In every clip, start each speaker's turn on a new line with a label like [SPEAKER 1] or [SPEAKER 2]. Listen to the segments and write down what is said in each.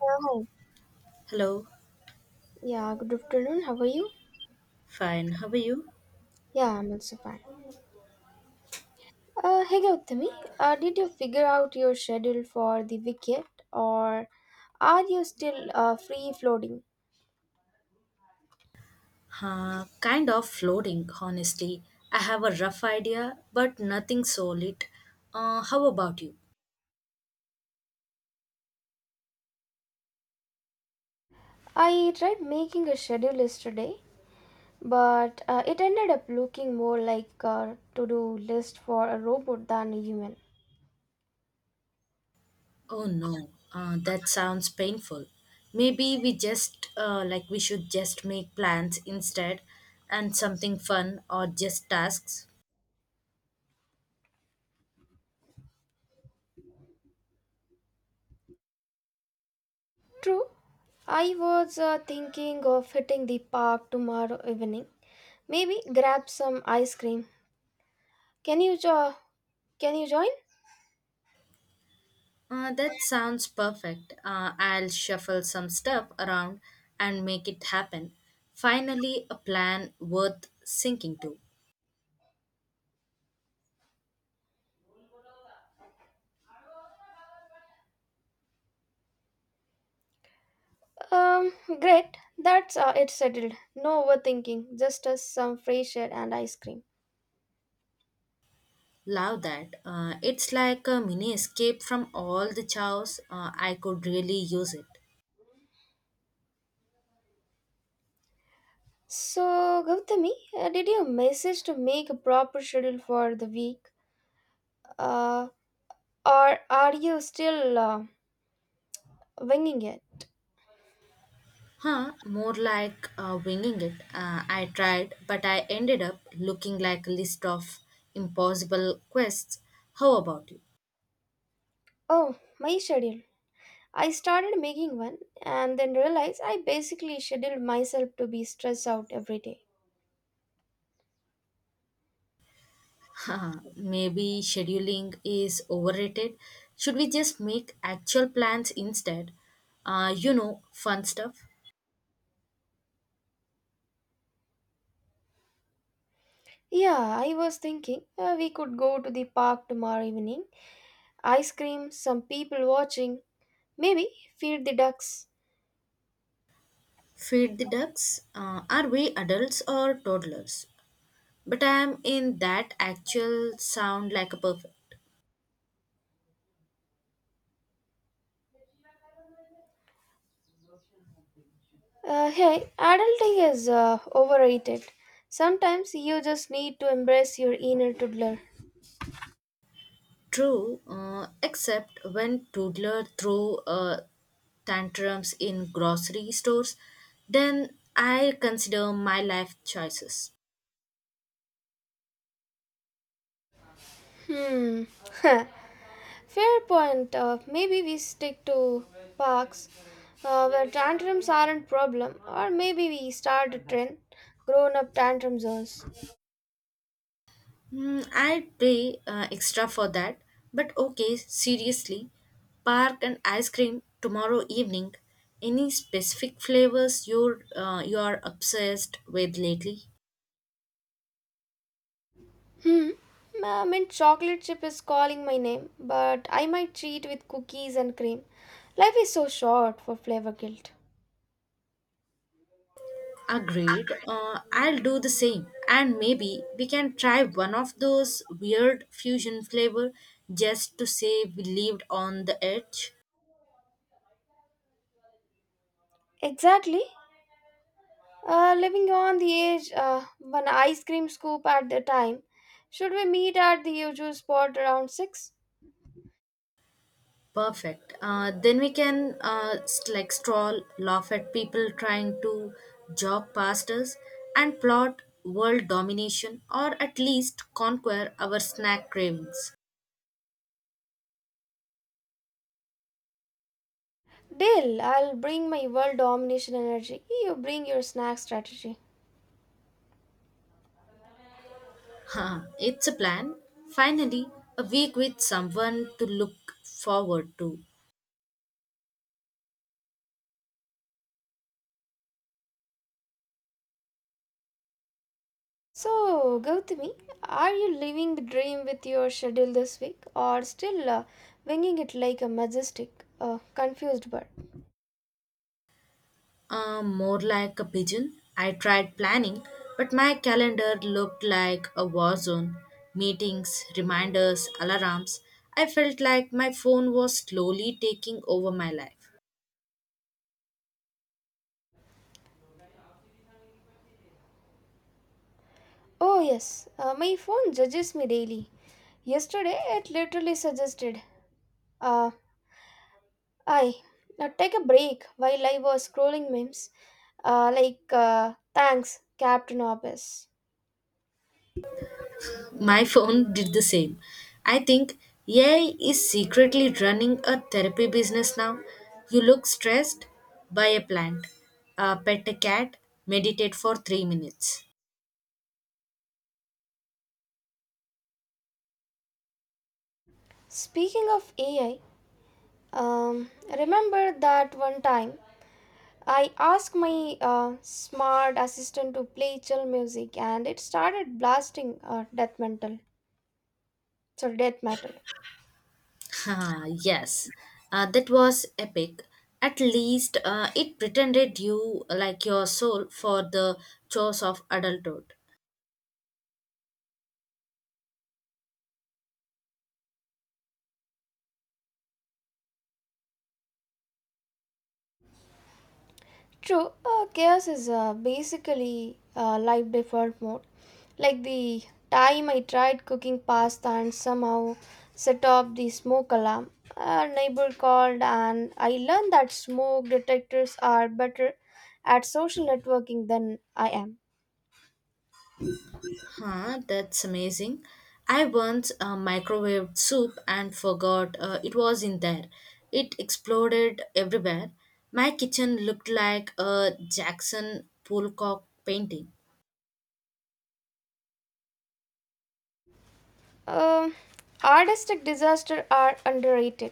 [SPEAKER 1] Yeah, hi.
[SPEAKER 2] Hello,
[SPEAKER 1] Yeah, good afternoon. How are you?
[SPEAKER 2] fine. How are you?
[SPEAKER 1] Yeah, I'm also fine. Hey Gautami, did you figure out your schedule for the weekend or are you still free floating?
[SPEAKER 2] Kind of floating, honestly. I have a rough idea, but nothing solid. How about you?
[SPEAKER 1] I tried making a schedule yesterday, but it ended up looking more like a to-do list for a robot than a human.
[SPEAKER 2] Oh no, that sounds painful. Maybe we should just make plans instead and something fun or just tasks.
[SPEAKER 1] True, I was thinking of hitting the park tomorrow evening. Maybe grab some ice cream. Can you jo- can you join?
[SPEAKER 2] That sounds perfect. I'll shuffle some stuff around and make it happen. Finally, a plan worth sinking to.
[SPEAKER 1] Um, Great. That's it settled. No overthinking. Just us some fresh air and ice cream.
[SPEAKER 2] Love that. It's like a mini escape from all the chows. I could really use it.
[SPEAKER 1] So, Gautami, did you message to make a proper schedule for the week? Uh, or are you still winging it?
[SPEAKER 2] Huh, more like winging it. I tried, but I ended up looking like a list of impossible quests. How about you?
[SPEAKER 1] Oh, my schedule. I started making one and then realized I basically scheduled myself to be stressed out every day.
[SPEAKER 2] Haha, maybe scheduling is overrated. Should we just make actual plans instead? You know, fun stuff.
[SPEAKER 1] Yeah, I was thinking we could go to the park tomorrow evening, ice cream, some people watching, maybe feed the ducks.
[SPEAKER 2] Feed the ducks. Are we adults or toddlers? But I'm in that actual sound like a perfect.
[SPEAKER 1] Hey, adulting is overrated. Sometimes you just need to embrace your inner toddler.
[SPEAKER 2] True, except when Toodler threw tantrums in grocery stores, then I consider my life choices.
[SPEAKER 1] Hmm. Fair point. Maybe we stick to parks where tantrums aren't problem, or maybe we start a trend, grown-up tantrum zones.
[SPEAKER 2] Hmm, I pay extra for that, but okay, seriously, park and ice cream tomorrow evening. Any specific flavors you are obsessed with lately?
[SPEAKER 1] Hmm. I mean, chocolate chip is calling my name, but I might cheat with cookies and cream. Life is so short for flavor guilt.
[SPEAKER 2] Agreed. I'll do the same. And maybe we can try one of those weird fusion flavor just to say we lived on the edge.
[SPEAKER 1] Exactly. Living on the edge, one ice cream scoop at a time. Should we meet at the usual spot around 6?
[SPEAKER 2] Perfect. Then we can stroll, laugh at people trying to jog past us, and plot world domination or at least conquer our snack cravings.
[SPEAKER 1] Deal, I'll bring my world domination energy. You bring your snack strategy.
[SPEAKER 2] Huh, it's a plan. Finally, a week with someone to look forward to.
[SPEAKER 1] So, Gautami, are you living the dream with your schedule this week or still winging it like a majestic, confused bird?
[SPEAKER 2] More like a pigeon. I tried planning, but my calendar looked like a war zone. Meetings, reminders, alarms. I felt like my phone was slowly taking over my life.
[SPEAKER 1] Oh, yes, my phone judges me daily. Yesterday, it literally suggested. Uh, I now take a break while I was scrolling memes, thanks, Captain Obvious.
[SPEAKER 2] My phone did the same. I think AI is secretly running a therapy business now. You look stressed, buy a plant, pet a cat, meditate for 3 minutes.
[SPEAKER 1] Speaking of AI, um, remember that one time I asked my smart assistant to play chill music, and it started blasting death metal. Sorry, death metal.
[SPEAKER 2] Ah, yes, that was epic. At least it pretended you like your soul for the chores of adulthood.
[SPEAKER 1] True, chaos is basically life default mode. Like the time I tried cooking pasta and somehow set off the smoke alarm. A neighbor called, and I learned that smoke detectors are better at social networking than I am.
[SPEAKER 2] Huh, that's amazing. I once microwaved soup and forgot it was in there. It exploded everywhere. My kitchen looked like a Jackson Pollock painting.
[SPEAKER 1] Um, Artistic disasters are underrated.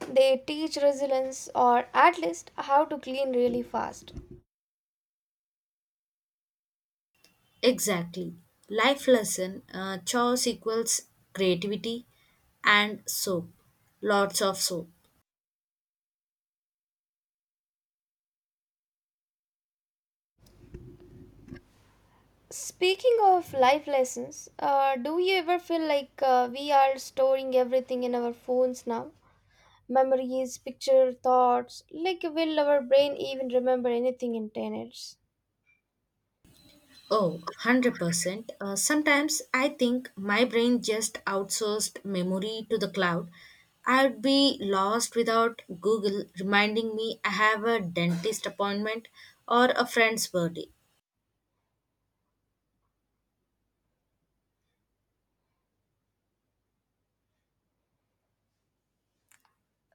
[SPEAKER 1] They teach resilience or at least how to clean really fast.
[SPEAKER 2] Exactly. Life lesson chores equals creativity and soap. Lots of soap.
[SPEAKER 1] Speaking of life lessons, do you ever feel like we are storing everything in our phones now? Memories, picture, thoughts. Like, will our brain even remember anything in 10 years?
[SPEAKER 2] Oh, 100%. Sometimes I think my brain just outsourced memory to the cloud. I'd be lost without Google reminding me I have a dentist appointment or a friend's birthday.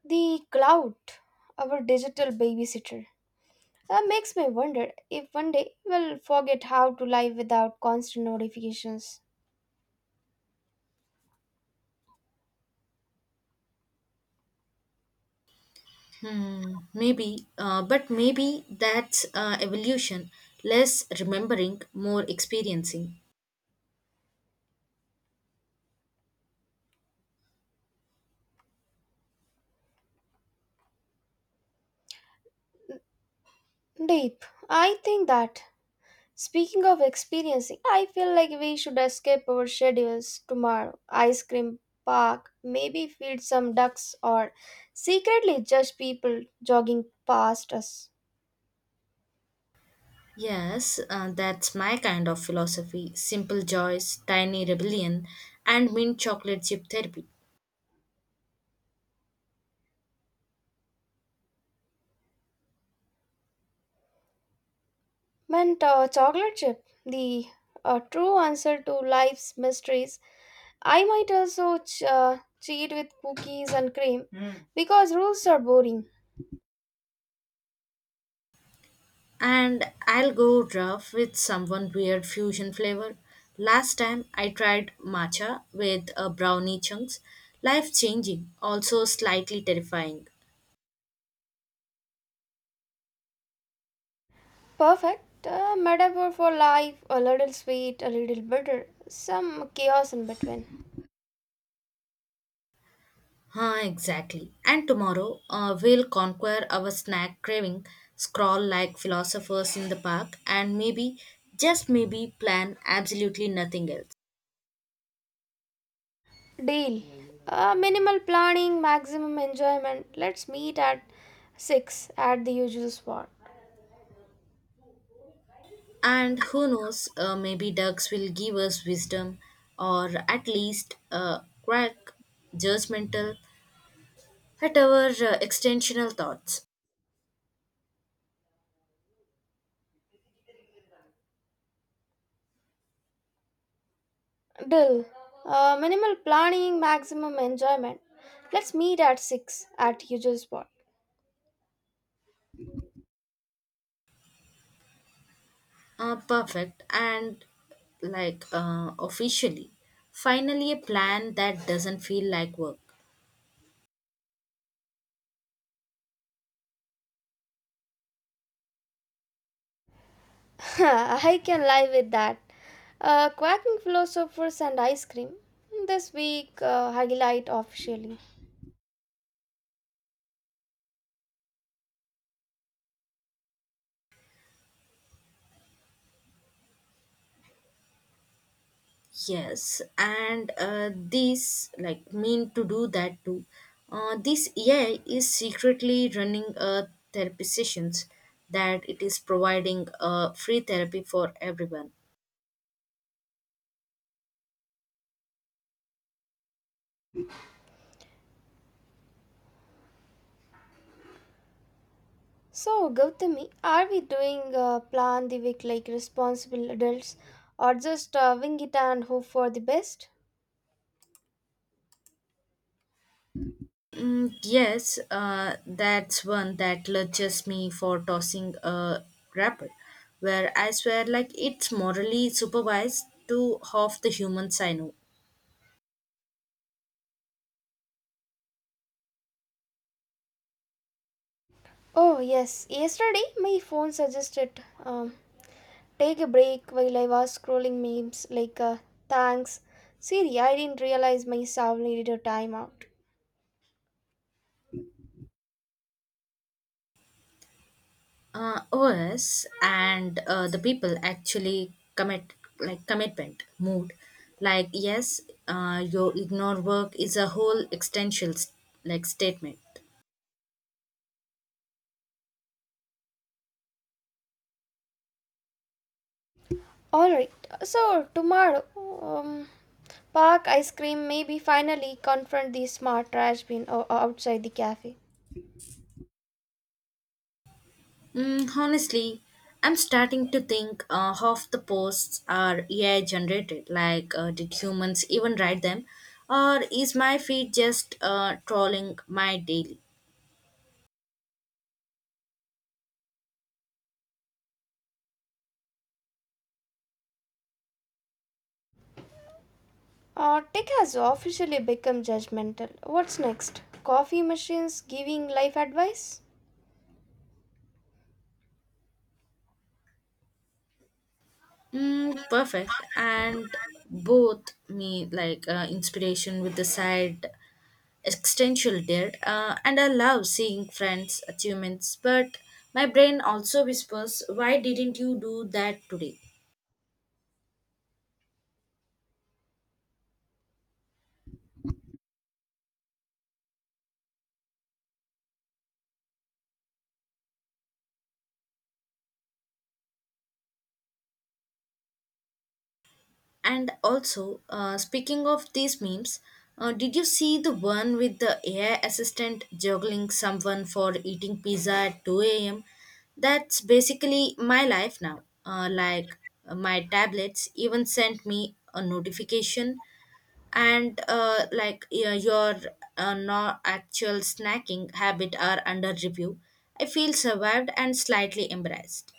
[SPEAKER 1] The cloud, our digital babysitter, makes me wonder if one day we'll forget how to live without constant notifications.
[SPEAKER 2] Hmm, maybe, but maybe that's evolution less remembering, more experiencing.
[SPEAKER 1] Deep. I think that Speaking of experiencing, I feel like we should escape our schedules tomorrow. Ice cream, park, maybe feed some ducks, or secretly judge people jogging past us.
[SPEAKER 2] Yes, that's my kind of philosophy simple joys, tiny rebellion, and mint chocolate chip therapy.
[SPEAKER 1] Mint chocolate chip, the true answer to life's mysteries. I might also cheat with cookies and cream, mm, because rules are boring.
[SPEAKER 2] And I'll go rough with someone weird fusion flavor. Last time I tried matcha with brownie chunks. Life changing, also slightly terrifying.
[SPEAKER 1] Perfect metaphor for life, a little sweet, a little bitter, some chaos in between.
[SPEAKER 2] Huh, exactly. And tomorrow we'll conquer our snack craving, scroll like philosophers in the park, and maybe, just maybe, plan absolutely nothing else.
[SPEAKER 1] Deal. Minimal planning, maximum enjoyment. Let's meet at 6 at the usual spot.
[SPEAKER 2] And who knows, maybe ducks will give us wisdom or at least a crack judgmental at our extensional thoughts.
[SPEAKER 1] Deal. Minimal planning, maximum enjoyment. Let's meet at 6 at usual spot.
[SPEAKER 2] Perfect and officially finally a plan that doesn't feel like work.
[SPEAKER 1] I can live with that. Quacking philosophers and ice cream. This week, highlight officially.
[SPEAKER 2] Yes, and this like mean to do that too. This AI is secretly running a therapy sessions that it is providing free therapy for everyone.
[SPEAKER 1] So, Gautami, are we doing plan the week like responsible adults or just wing it and hope for the best?
[SPEAKER 2] Mm, yes, that's one that lurches me for tossing a wrapper, where I swear like it's morally supervised to half the humans I know.
[SPEAKER 1] Oh, yes. Yesterday, my phone suggested, take a break while I was scrolling memes, thanks. Siri, I didn't realize my soul needed a timeout.
[SPEAKER 2] OS and the people actually commit like commitment mood. Like yes, your ignore work is a whole existential statement.
[SPEAKER 1] Alright, so tomorrow, park, ice cream, maybe finally confront the smart outside the cafe.
[SPEAKER 2] Mm, honestly, I'm starting to think half the posts are AI generated. Like, did humans even write them? Or is my feed just trolling my daily?
[SPEAKER 1] Tech has officially become judgmental. What's next? Coffee machines giving life advice?
[SPEAKER 2] Mm, perfect. And both me, like, inspiration with the side existential dare. And I love seeing friends' achievements, but my brain also whispers, why didn't you do that today? And also, speaking of these memes, did you see the one with the AI assistant juggling someone for eating pizza at 2 a.m.? That's basically my life now. My tablets even sent me a notification, and like yeah, your no actual snacking habit are under review. I feel survived and slightly embarrassed.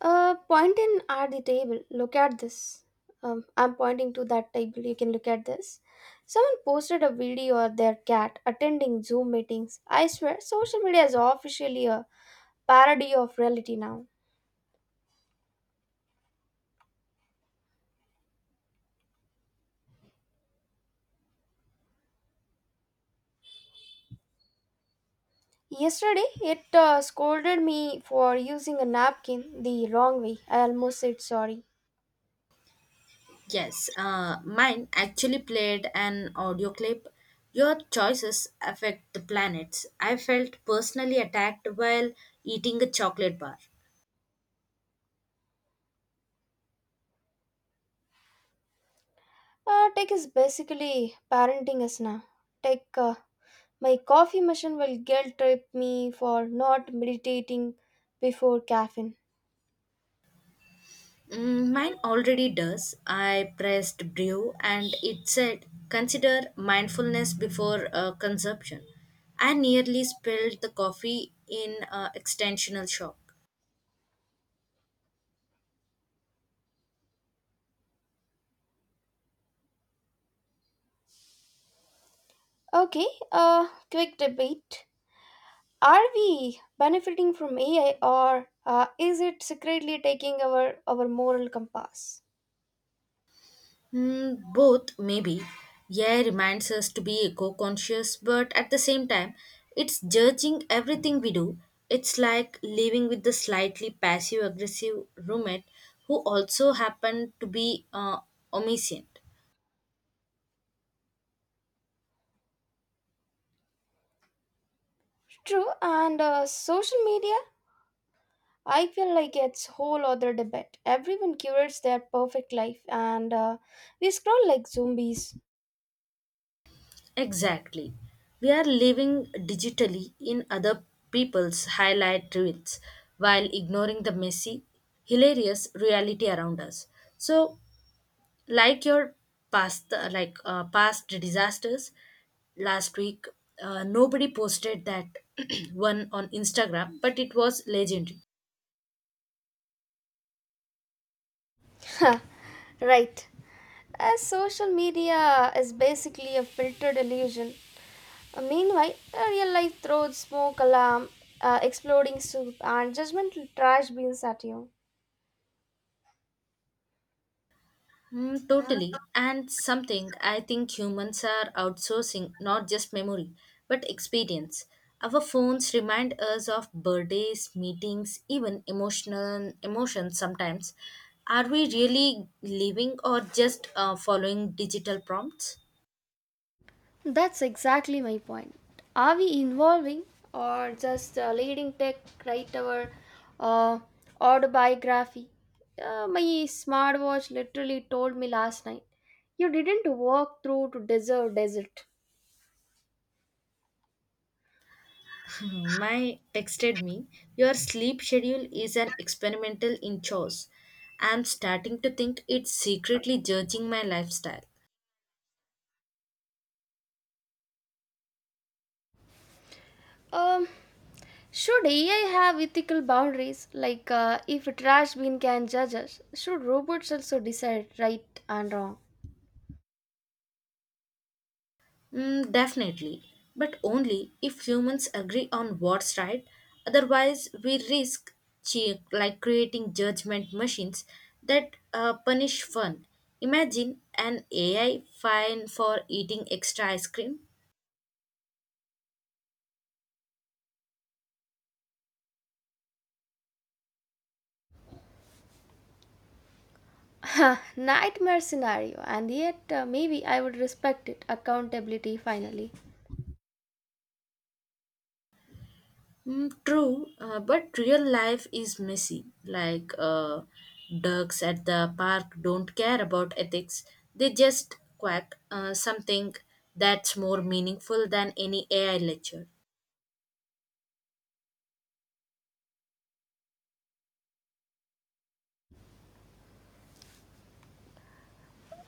[SPEAKER 1] Point in at the table. Look at this. I'm pointing to that table. You can look at this. Someone posted a video of their cat attending Zoom meetings. I swear, social media is officially a parody of reality now. Yesterday, it scolded me for using a napkin the wrong way. I almost said sorry.
[SPEAKER 2] Yes, mine actually played an audio clip. Your choices affect the planets. I felt personally attacked while eating a chocolate bar.
[SPEAKER 1] Tech is basically parenting us now. Tech, uh, my coffee machine will guilt trip me for not meditating before caffeine.
[SPEAKER 2] Mm, mine already does. I pressed brew and it said consider mindfulness before consumption. I nearly spilled the coffee in an extensional shop.
[SPEAKER 1] Okay, quick debate. Are we benefiting from AI, or is it secretly taking our moral compass?
[SPEAKER 2] Hmm, both, maybe. Yeah, reminds us to be eco conscious, but at the same time, it's judging everything we do. It's like living with the slightly passive aggressive roommate who also happened to be omniscient.
[SPEAKER 1] True, and social media, I feel like it's whole other debate. Everyone curates their perfect life and we scroll like zombies.
[SPEAKER 2] Exactly. We are living digitally in other people's highlight reels while ignoring the messy, hilarious reality around us. So, like your past disasters last week, nobody posted that one on Instagram, but it was legendary.
[SPEAKER 1] Right. As social media is basically a filtered illusion. Meanwhile, a real life throws smoke alarm, exploding soup, and judgmental trash beans at you.
[SPEAKER 2] Mm, totally, and something I think humans are outsourcing not just memory but experience. Our phones remind us of birthdays, meetings, even emotional emotions sometimes. Are we really living or just following digital prompts?
[SPEAKER 1] That's exactly my point. Are we involving or just leading tech write our uh, autobiography? My smartwatch literally told me last night, you didn't walk through to deserve desert.
[SPEAKER 2] My texted me, your sleep schedule is an experimental in chores. I'm starting to think it's secretly judging my lifestyle.
[SPEAKER 1] Um, should AI have ethical boundaries? Like if a trash bin can judge us, should robots also decide right and wrong?
[SPEAKER 2] Mm, definitely. But only if humans agree on what's right. Otherwise, we risk creating judgment machines that punish fun. Imagine an AI fine for eating extra ice cream.
[SPEAKER 1] Nightmare scenario, and yet maybe I would respect it. Accountability finally.
[SPEAKER 2] Mm, true, but real life is messy. Like ducks at the park don't care about ethics, they just quack something that's more meaningful than any AI lecture.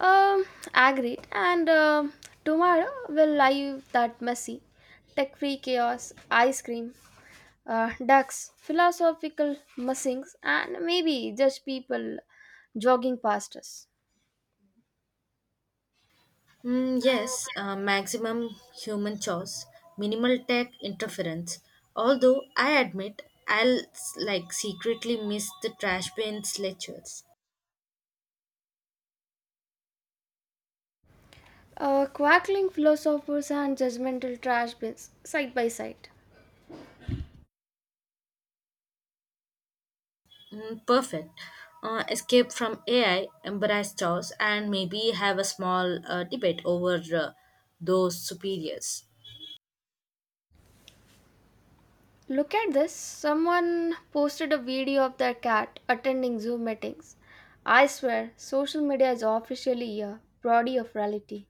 [SPEAKER 1] Um, Agreed. And tomorrow will live that messy, tech-free chaos, ice cream, ducks, philosophical musings, and maybe just people jogging past us.
[SPEAKER 2] Mm, yes, maximum human choice, minimal tech interference. Although I admit I'll secretly miss the trash bins lectures.
[SPEAKER 1] Quackling philosophers and judgmental trash bins side by side.
[SPEAKER 2] Mm, perfect. Escape from AI, embrace chaos, and maybe have a small debate over those superiors.
[SPEAKER 1] Look at this. Someone posted a video of their cat attending Zoom meetings. I swear, social media is officially a body of reality.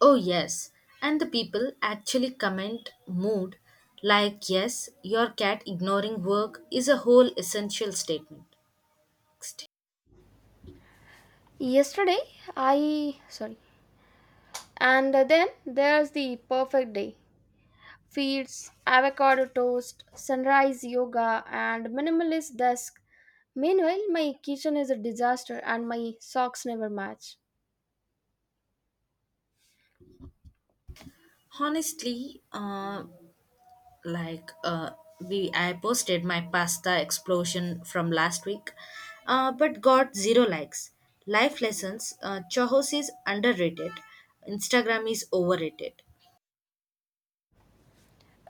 [SPEAKER 2] Oh, yes. And the people actually comment mood like, yes, your cat ignoring work is a whole essential statement.
[SPEAKER 1] Yesterday, I sorry, and then there's the perfect day feeds, avocado toast, sunrise yoga, and minimalist desk. Meanwhile, my kitchen is a disaster and my socks never match.
[SPEAKER 2] Honestly, like uh, we I posted my pasta explosion from last week, but got zero likes. Life lessons, Chahos is underrated, Instagram is overrated.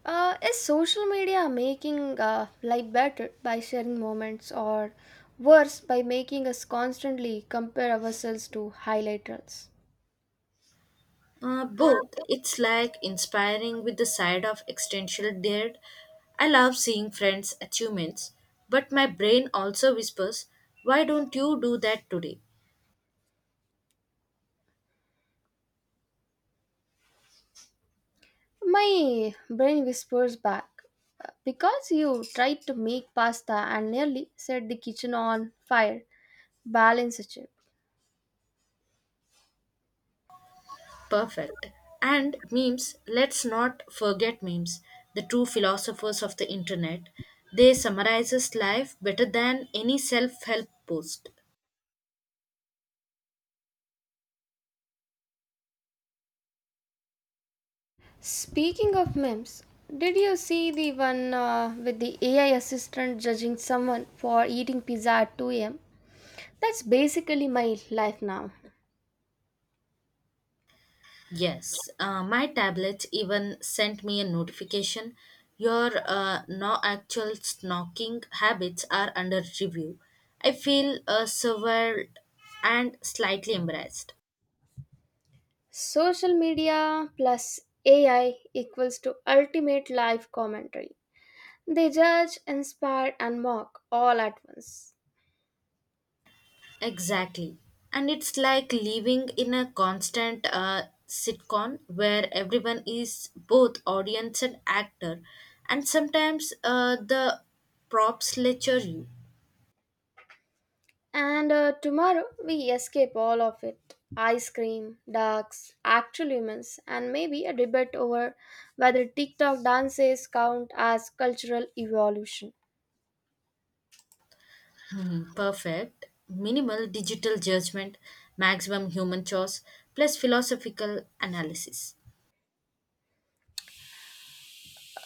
[SPEAKER 1] Is social media making life better by sharing moments, or worse by making us constantly compare ourselves to highlight reels?
[SPEAKER 2] Both, it's like inspiring with the side of existential dread. I love seeing friends' achievements, but my brain also whispers, "Why don't you do that today?"
[SPEAKER 1] My brain whispers back, because you tried to make pasta and nearly set the kitchen on fire. Balance a chip.
[SPEAKER 2] Perfect. And memes, let's not forget memes, the true philosophers of the internet. They summarizes life better than any self-help post.
[SPEAKER 1] Speaking of memes, did you see the one with the AI assistant judging someone for eating pizza at 2 a.m.? That's basically my life now.
[SPEAKER 2] Yes, my tablet even sent me a notification. Your no actual snorking habits are under review. I feel surveyed and slightly embarrassed.
[SPEAKER 1] Social media plus AI equals to ultimate life commentary. They judge, inspire, and mock all at once.
[SPEAKER 2] Exactly. And it's like living in a constant sitcom where everyone is both audience and actor, and sometimes the props lecture you.
[SPEAKER 1] And tomorrow we escape all of it, ice cream, ducks, actual humans, and maybe a debate over whether TikTok dances count as cultural evolution.
[SPEAKER 2] Hmm, perfect. Minimal digital judgment, maximum human choice, plus philosophical analysis.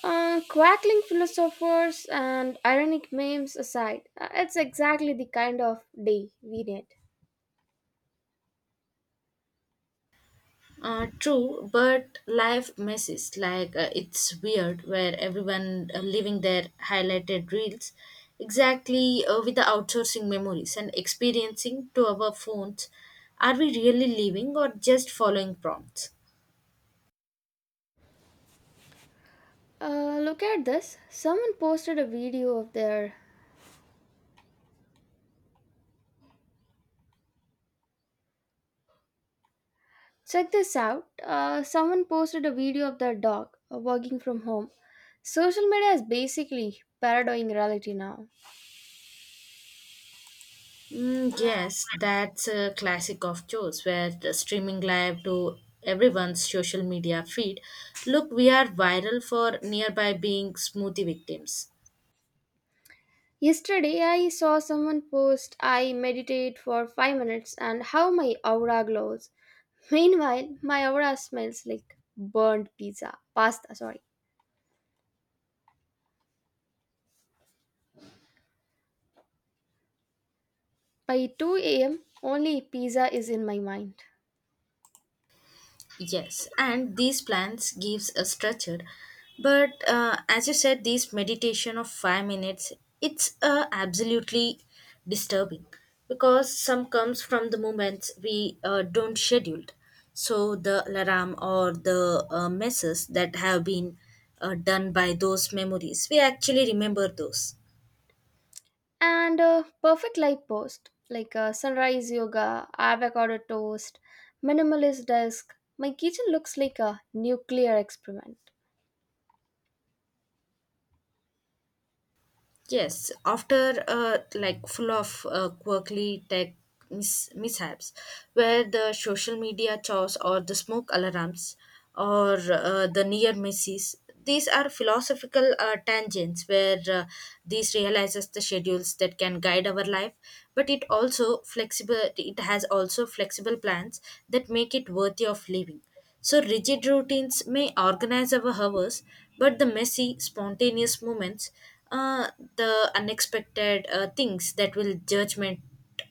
[SPEAKER 1] Quackling philosophers and ironic memes aside, it's exactly the kind of day we need.
[SPEAKER 2] True, but life messes like it's weird where everyone living their highlighted reels, exactly with the outsourcing memories and experiencing to our phones. Are we really living or just following prompts?
[SPEAKER 1] Look at this. Someone posted a video of their Check this out. Someone posted a video of their dog working from home. Social media is basically parodying reality now.
[SPEAKER 2] Mm, yes, that's a classic of choice where the streaming live to everyone's social media feed. Look, we are viral for nearby being smoothie victims.
[SPEAKER 1] Yesterday, I saw someone post, I meditate for 5 minutes and how my aura glows. Meanwhile, my aura smells like burned pizza, pasta, sorry. By 2 a.m., only pizza is in my mind.
[SPEAKER 2] Yes, and these plans gives a structure, but as you said, this meditation of 5 minutes, it's absolutely disturbing because some comes from the moments we don't scheduled. So the alarm or the messes that have been done by those memories, we actually remember those.
[SPEAKER 1] And a perfect light post like a sunrise yoga, avocado toast, minimalist desk. My kitchen looks like a nuclear experiment.
[SPEAKER 2] Yes, after like full of quirky tech mishaps, where the social media chores or the smoke alarms or the near misses, these are philosophical tangents where these realizes the schedules that can guide our life, but it also flexible. It has also flexible plans that make it worthy of living. So, rigid routines may organize our hours, but the messy, spontaneous moments, uh, the unexpected things that will judgment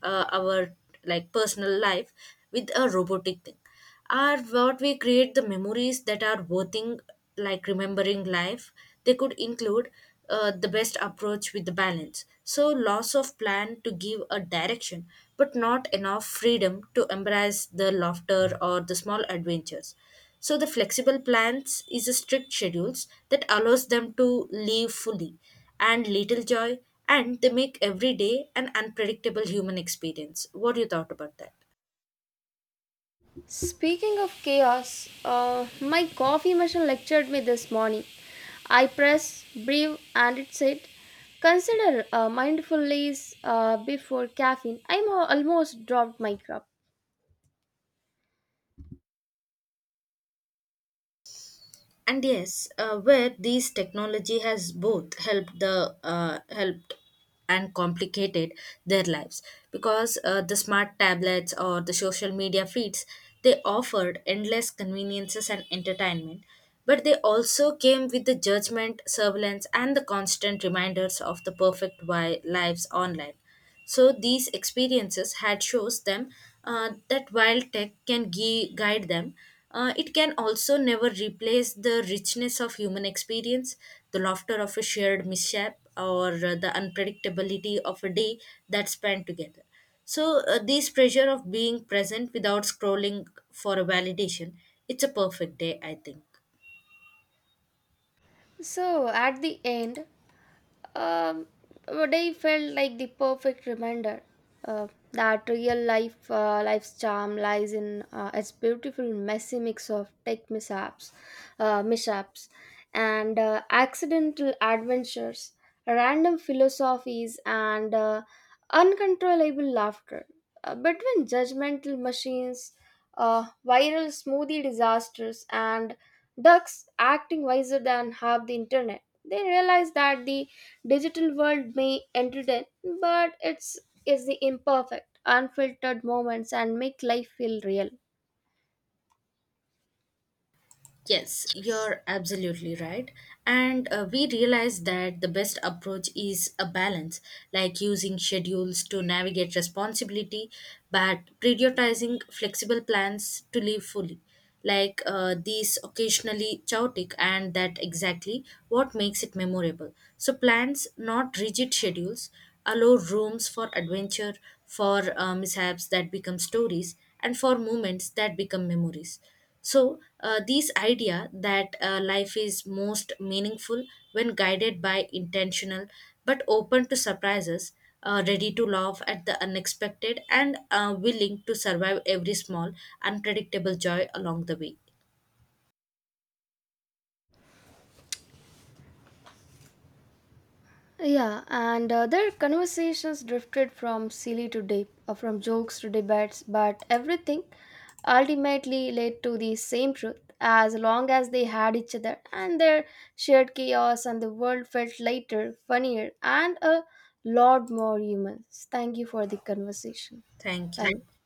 [SPEAKER 2] our like personal life with a robotic thing are what we create the memories that are worthing like remembering life, they could include the best approach with the balance. So, loss of plan to give a direction, but not enough freedom to embrace the laughter or the small adventures. So, the flexible plans is a strict schedules that allows them to live fully and little joy, and they make every day an unpredictable human experience. What do you thought about that?
[SPEAKER 1] Speaking of chaos, my coffee machine lectured me this morning. I press breathe and it said, consider mindfulness before caffeine. Almost dropped my cup.
[SPEAKER 2] And yes, where these technology has both helped and complicated their lives because the smart tablets or the social media feeds they offered endless conveniences and entertainment, but they also came with the judgment surveillance and the constant reminders of the perfect lives online. So these experiences had shows them that while tech can guide them, it can also never replace the richness of human experience, the laughter of a shared mishap, or the unpredictability of a day that spent together. So this pressure of being present without scrolling for a validation, it's a perfect day, I think.
[SPEAKER 1] So at the end, Um, today felt like the perfect reminder that real life life's charm lies in its beautiful messy mix of mishaps, and accidental adventures, random philosophies, and uncontrollable laughter. Between judgmental machines, viral smoothie disasters, and ducks acting wiser than half the internet. They realize that the digital world may entertain, but it's is the imperfect, unfiltered moments and make life feel real.
[SPEAKER 2] Yes, you're absolutely right. And we realize that the best approach is a balance, like using schedules to navigate responsibility, but prioritizing flexible plans to live fully. Like these occasionally chaotic, and that exactly what makes it memorable. So, plans, not rigid schedules, allow rooms for adventure, for mishaps that become stories, and for moments that become memories. So, this idea that life is most meaningful when guided by intentional but open to surprises, ready to laugh at the unexpected, and willing to survive every small, unpredictable joy along the way.
[SPEAKER 1] Yeah, and their conversations drifted from silly to deep, from jokes to debates, but everything ultimately led to the same truth. As long as they had each other, and their shared chaos, and the world felt lighter, funnier, and a lot more human. Thank you for the conversation.
[SPEAKER 2] Thank
[SPEAKER 1] Thank.
[SPEAKER 2] you.